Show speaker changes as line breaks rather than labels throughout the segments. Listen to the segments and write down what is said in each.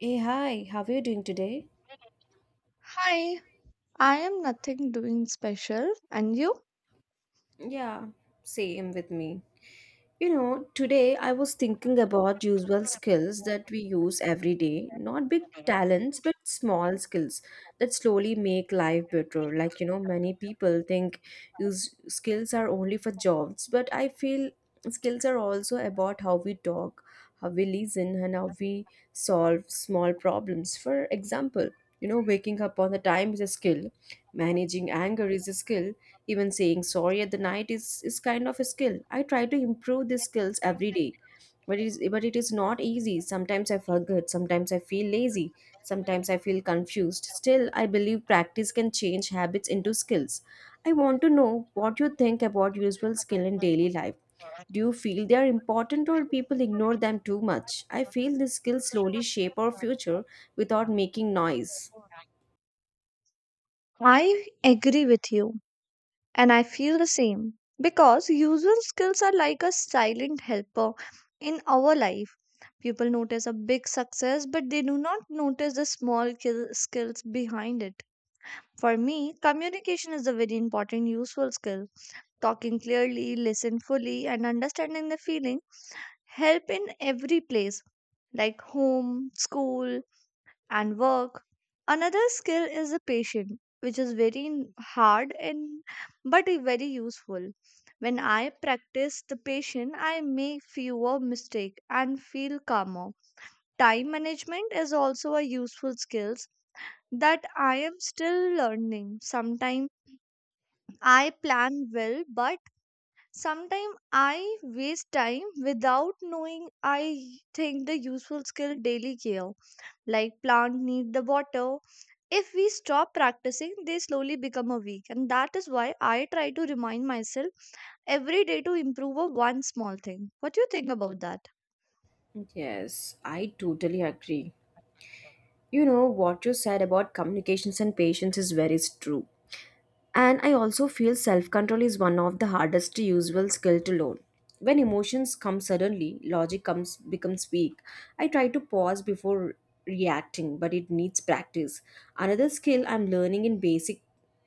Hey, hi, how are you doing today?
Hi, I am nothing doing special, and you?
Yeah, same with me. You know, today I was thinking about usual skills that we use every day, not big talents, but small skills that slowly make life better. Like, you know, many people think use skills are only for jobs, but I feel skills are also about how we talk, how we listen, and how we solve small problems. For example, you know, waking up on the time is a skill, managing anger is a skill, even saying sorry at the night is kind of a skill. I try to improve these skills every day. But it is not easy. Sometimes I forget, sometimes I feel lazy, sometimes I feel confused. Still, I believe practice can change habits into skills. I want to know what you think about useful skill in daily life. Do you feel they are important or people ignore them too much? I feel these skills slowly shape our future without making noise.
I agree with you, and I feel the same because usual skills are like a silent helper in our life. People notice a big success, but they do not notice the skills behind it. For me, communication is a very important, useful skill. Talking clearly, listen fully, and understanding the feeling help in every place like home, school, and work. Another skill is the patient, which is very hard and but very useful. When I practice the patience, I make fewer mistakes and feel calmer. Time management is also a useful skill that I am still learning. Sometimes I plan well, but sometimes I waste time without knowing. I think the useful skill daily care like plant need the water if we stop practicing they slowly become a weak, and that is why I try to remind myself every day to improve a one small thing. What do you think about that?
Yes, I totally agree. You know, what you said about communications and patience is very true. And I also feel self control is one of the hardest to usual skill to learn. When emotions come suddenly, logic comes becomes weak. I try to pause before reacting, but it needs practice. Another skill I'm learning in basic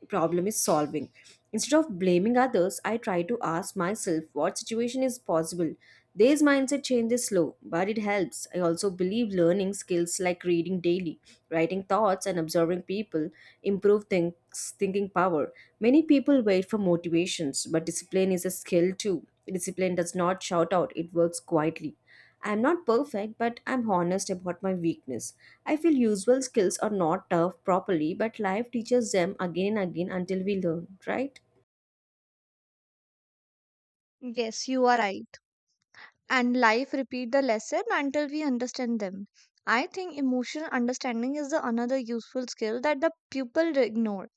problem is solving. Instead of blaming others, I try to ask myself what situation is possible. These mindset change is slow, but it helps. I also believe learning skills like reading daily, writing thoughts, and observing people improve thinks thinking power. Many people wait for motivations, but discipline is a skill too. Discipline does not shout out, it works quietly. I'm not perfect, but I'm honest about my weakness. I feel usual skills are not taught properly, but life teaches them again and again until we learn, right?
Yes, you are right. And life repeat the lesson until we understand them. I think emotional understanding is the another useful skill that the pupil ignore.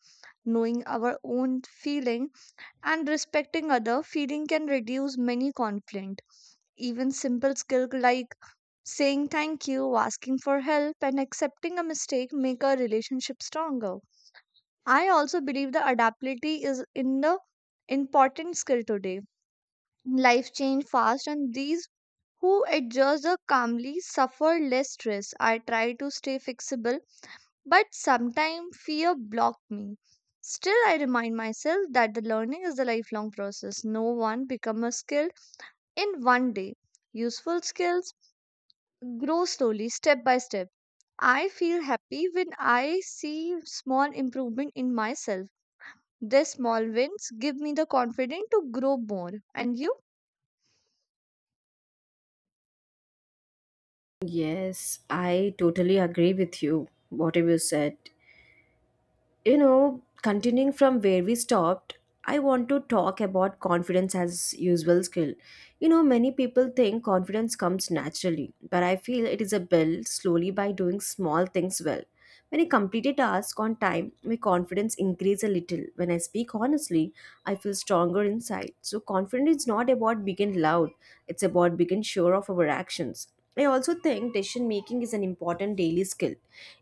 Knowing our own feeling and respecting other feeling can reduce many conflict. Even simple skill like saying thank you, asking for help, and accepting a mistake make a relationship stronger. I also believe the adaptability is in the important skill today. Life change fast, and these who adjust the calmly suffer less stress. I try to stay flexible, but sometimes fear blocked me. Still, I remind myself that the learning is a lifelong process. No one become a skilled in one day. Useful skills grow slowly, step by step. I feel happy when I see small improvement in myself. These small wins give me the confidence to grow more. And you?
Yes, I totally agree with you, whatever you said. You know, continuing from where we stopped, I want to talk about confidence as usual skill. You know, many people think confidence comes naturally, but I feel it is a built slowly by doing small things well. When I complete a task on time, my confidence increases a little. When I speak honestly, I feel stronger inside. So confidence is not about being loud, it's about being sure of our actions. I also think decision making is an important daily skill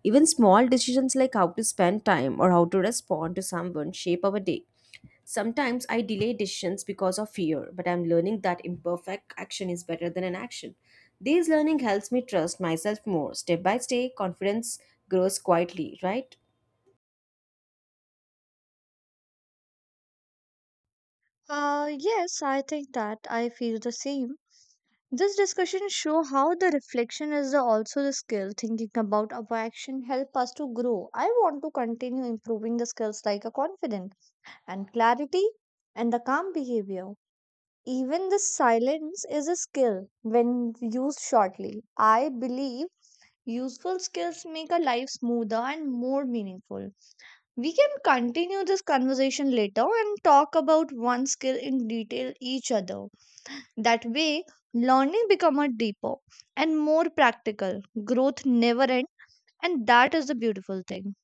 even small decisions like how to spend time or how to respond to someone shape our day. Sometimes I delay decisions because of fear, but I'm learning that imperfect action is better than an action. This learning helps me trust myself more. Step by step, confidence grows quietly, right?
Yes, I think that I feel the same. This discussion show how the reflection is also the skill. Thinking about our action help us to grow. I want to continue improving the skills like a confidence and clarity and the calm behavior. Even the silence is a skill when used shortly. I believe useful skills make our life smoother and more meaningful. We can continue this conversation later and talk about one skill in detail each other. That way, learning become a deeper and more practical. Growth never ends, and that is the beautiful thing.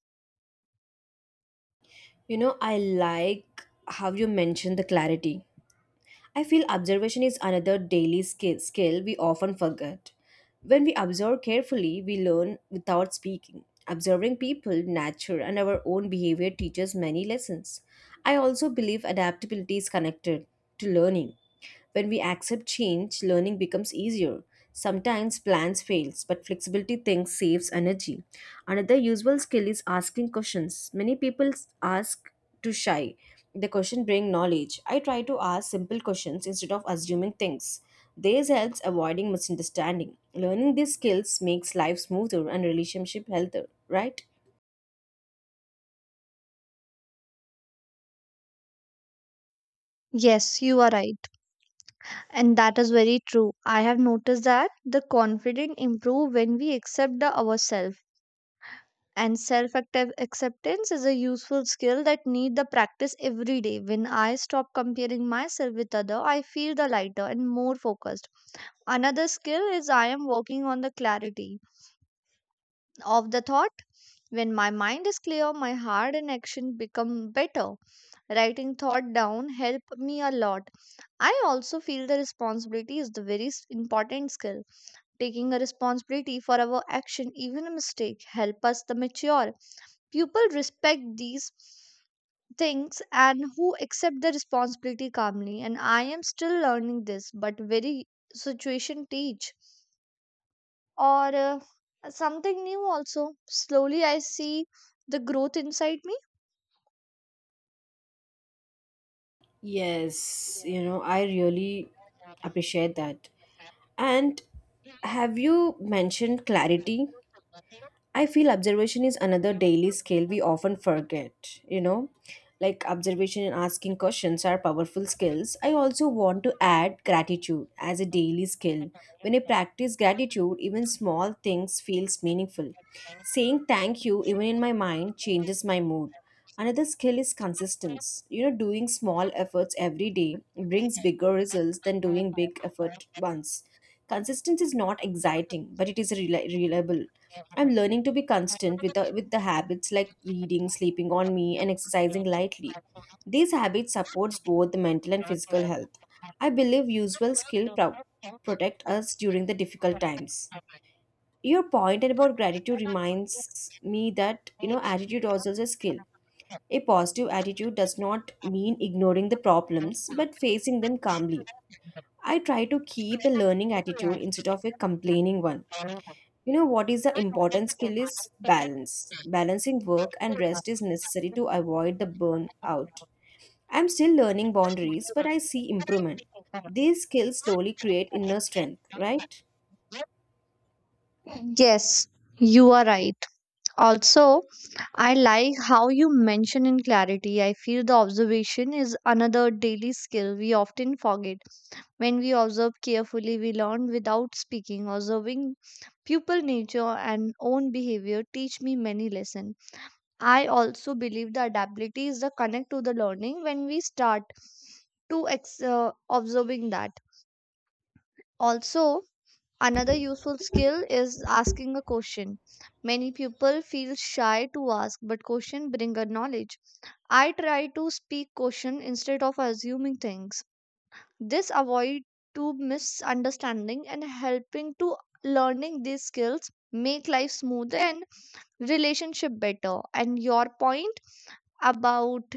You know, I like how you mentioned the clarity. I feel observation is another daily skill we often forget. When we observe carefully, we learn without speaking. Observing people, nature, and our own behavior teaches many lessons. I also believe adaptability is connected to learning. When we accept change, learning becomes easier. Sometimes plans fails, but flexibility things saves energy. Another usual skill is asking questions. Many people ask too shy. The question bring knowledge. I try to ask simple questions instead of assuming things. This helps avoiding misunderstanding. Learning these skills makes life smoother and relationship healthier, right?
Yes, you are right. And that is very true. I have noticed that the confidence improve when we accept the ourselves. And self acceptance is a useful skill that need the practice every day. When I stop comparing myself with other, I feel the lighter and more focused. Another skill is I am working on the clarity of the thought. When my mind is clear, my heart and action become better. Writing thought down help me a lot. I also feel the responsibility is the very important skill. Taking a responsibility for our action, even a mistake, help us to mature. People respect these things and who accept the responsibility calmly, and I am still learning this. But very situation teach or something new. Also slowly I see the growth inside me.
Yes, you know, I really appreciate that. And have you mentioned clarity? I feel observation is another daily skill we often forget, you know. Like observation and asking questions are powerful skills. I also want to add gratitude as a daily skill. When I practice gratitude, even small things feels meaningful. Saying thank you even in my mind changes my mood. Another skill is consistency. You know, doing small efforts every day brings bigger results than doing big effort once. Consistency is not exciting, but it is reliable. I'm learning to be constant with the habits like reading, sleeping on me, and exercising lightly. These habits supports both the mental and physical health. I believe usual skill protect us during the difficult times. Your point about gratitude reminds me that you know attitude also is a skill. A positive attitude does not mean ignoring the problems but facing them calmly. I try to keep a learning attitude instead of a complaining one. You know what is the important skill is balance. Balancing work and rest is necessary to avoid the burnout. I'm still learning boundaries, but I see improvement. These skills slowly create inner strength, right?
Yes, you are right. Also, I like how you mention in clarity. I feel the observation is another daily skill we often forget. When we observe carefully, we learn without speaking. Observing pupil nature and own behavior teach me many lessons. I also believe the adaptability is the connect to the learning when we start to observing that. Also, another useful skill is asking a question. Many people feel shy to ask, but question bring a knowledge. I try to speak question instead of assuming things. This avoid to misunderstanding and helping to learning. These skills make life smoother and relationship better. And your point about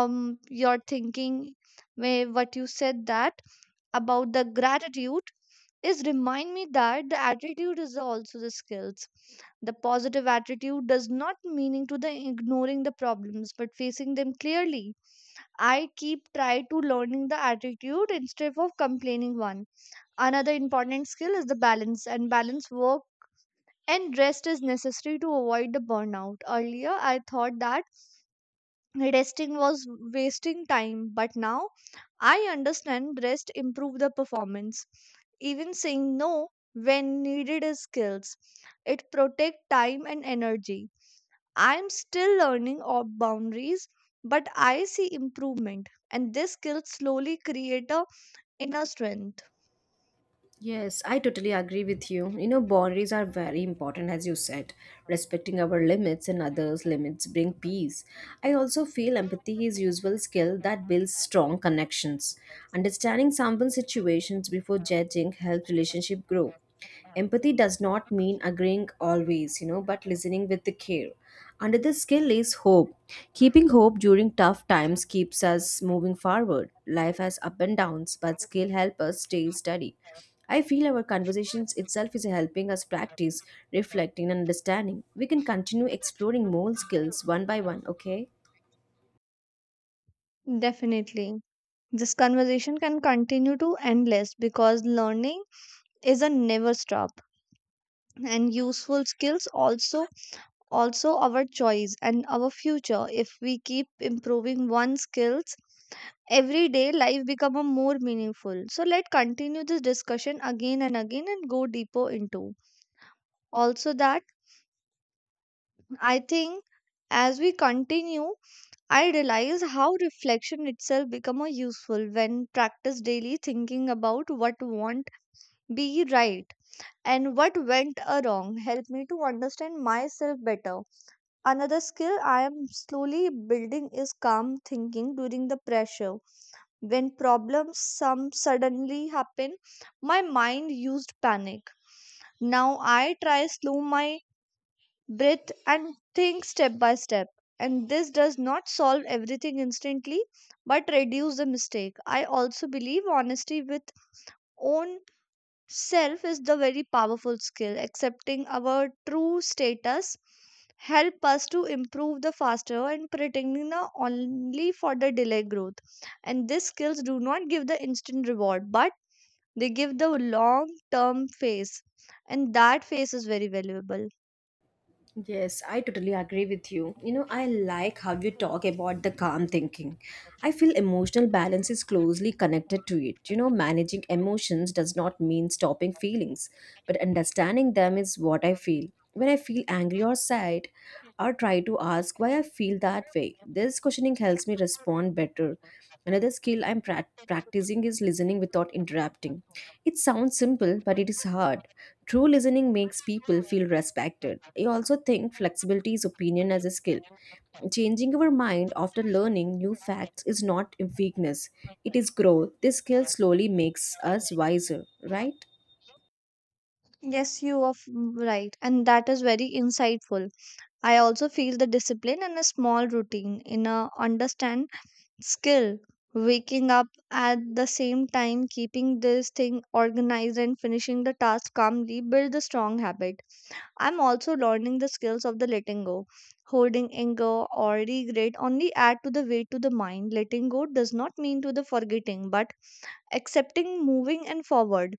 your thinking, may what you said that about the gratitude, is remind me that the attitude is also the skills. The positive attitude does not meaning to the ignoring the problems, but facing them clearly. I keep try to learning the attitude instead of complaining one. Another important skill is the balance, and balance work and rest is necessary to avoid the burnout. Earlier, I thought that resting was wasting time, but now I understand rest improve the performance. Even saying no when needed is skills. It protect time and energy. I am still learning all boundaries, but I see improvement, and this skill slowly create a inner strength.
Yes, I totally agree with you. You know, boundaries are very important, as you said. Respecting our limits and others' limits bring peace. I also feel empathy is useful skill that builds strong connections. Understanding someone's situations before judging helps relationship grow. Empathy does not mean agreeing always, you know, but listening with the care. Another skill is hope. Keeping hope during tough times keeps us moving forward. Life has up and downs, but skill help us stay steady. I feel our conversations itself is helping us practice reflecting and understanding. We can continue exploring more skills one by one, okay?
Definitely. This conversation can continue to endless because learning is a never stop, and useful skills also our choice and our future. If we keep improving one skills, everyday life become a more meaningful. So let's continue this discussion again and again and go deeper into also that. I think as we continue, I realize how reflection itself become a useful when practice daily. Thinking about what want be right and what went a wrong helped me to understand myself better. Another skill I am slowly building is calm thinking during the pressure. When problems some suddenly happen, my mind used panic. Now I try slow my breath and think step by step. And this does not solve everything instantly, but reduce the mistake. I also believe honesty with own self is the very powerful skill. Accepting our true status help us to improve the faster, and pretending the only for the delay growth. And these skills do not give the instant reward, but they give the long term phase. And that phase is very valuable.
Yes, I totally agree with you. You know, I like how you talk about the calm thinking. I feel emotional balance is closely connected to it. You know, managing emotions does not mean stopping feelings, but understanding them is what I feel. When I feel angry or sad, or try to ask why I feel that way. This questioning helps me respond better. Another skill I'm practicing is listening without interrupting. It sounds simple, but it is hard. True listening makes people feel respected. I also think flexibility is opinion as a skill. Changing our mind after learning new facts is not a weakness, it is growth. This skill slowly makes us wiser, right?
Yes, you are f- right. And that is very insightful. I also feel the discipline and a small routine in a understand skill. Waking up at the same time, keeping this thing organized, and finishing the task calmly build a strong habit. I'm also learning the skills of the letting go. Holding anger or regret only add to the weight to the mind. Letting go does not mean to the forgetting, but accepting, moving, and forward.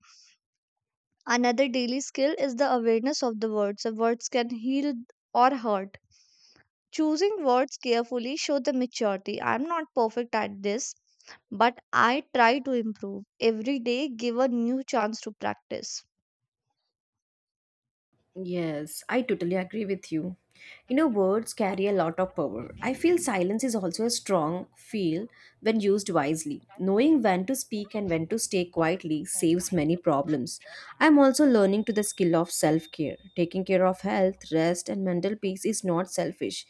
Another daily skill is the awareness of the words. The words can heal or hurt. Choosing words carefully show the maturity. I'm not perfect at this, but I try to improve. Every day give a new chance to practice.
Yes, I totally agree with you. You know, words carry a lot of power. I feel silence is also a strong feel when used wisely. Knowing when to speak and when to stay quietly saves many problems. I'm also learning to the skill of self care. Taking care of health, rest, and mental peace is not selfish.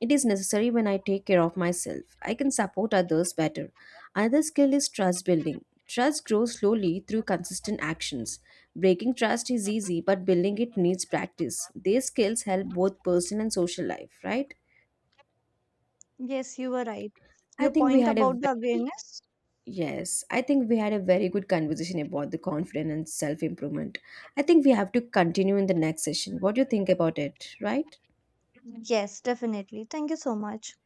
It is necessary when I take care of myself. I can support others better. Another skill is trust building. Trust grows slowly through consistent actions. Breaking trust is easy, but building it needs practice. These skills help both personal and social life, right?
Yes, you were right.
I
Your
think we
point
had a
about the
very,
awareness?
Yes, I think we had a very good conversation about the confidence and self improvement. I think we have to continue in the next session. What do you think about it, right?
Yes, definitely. Thank you so much.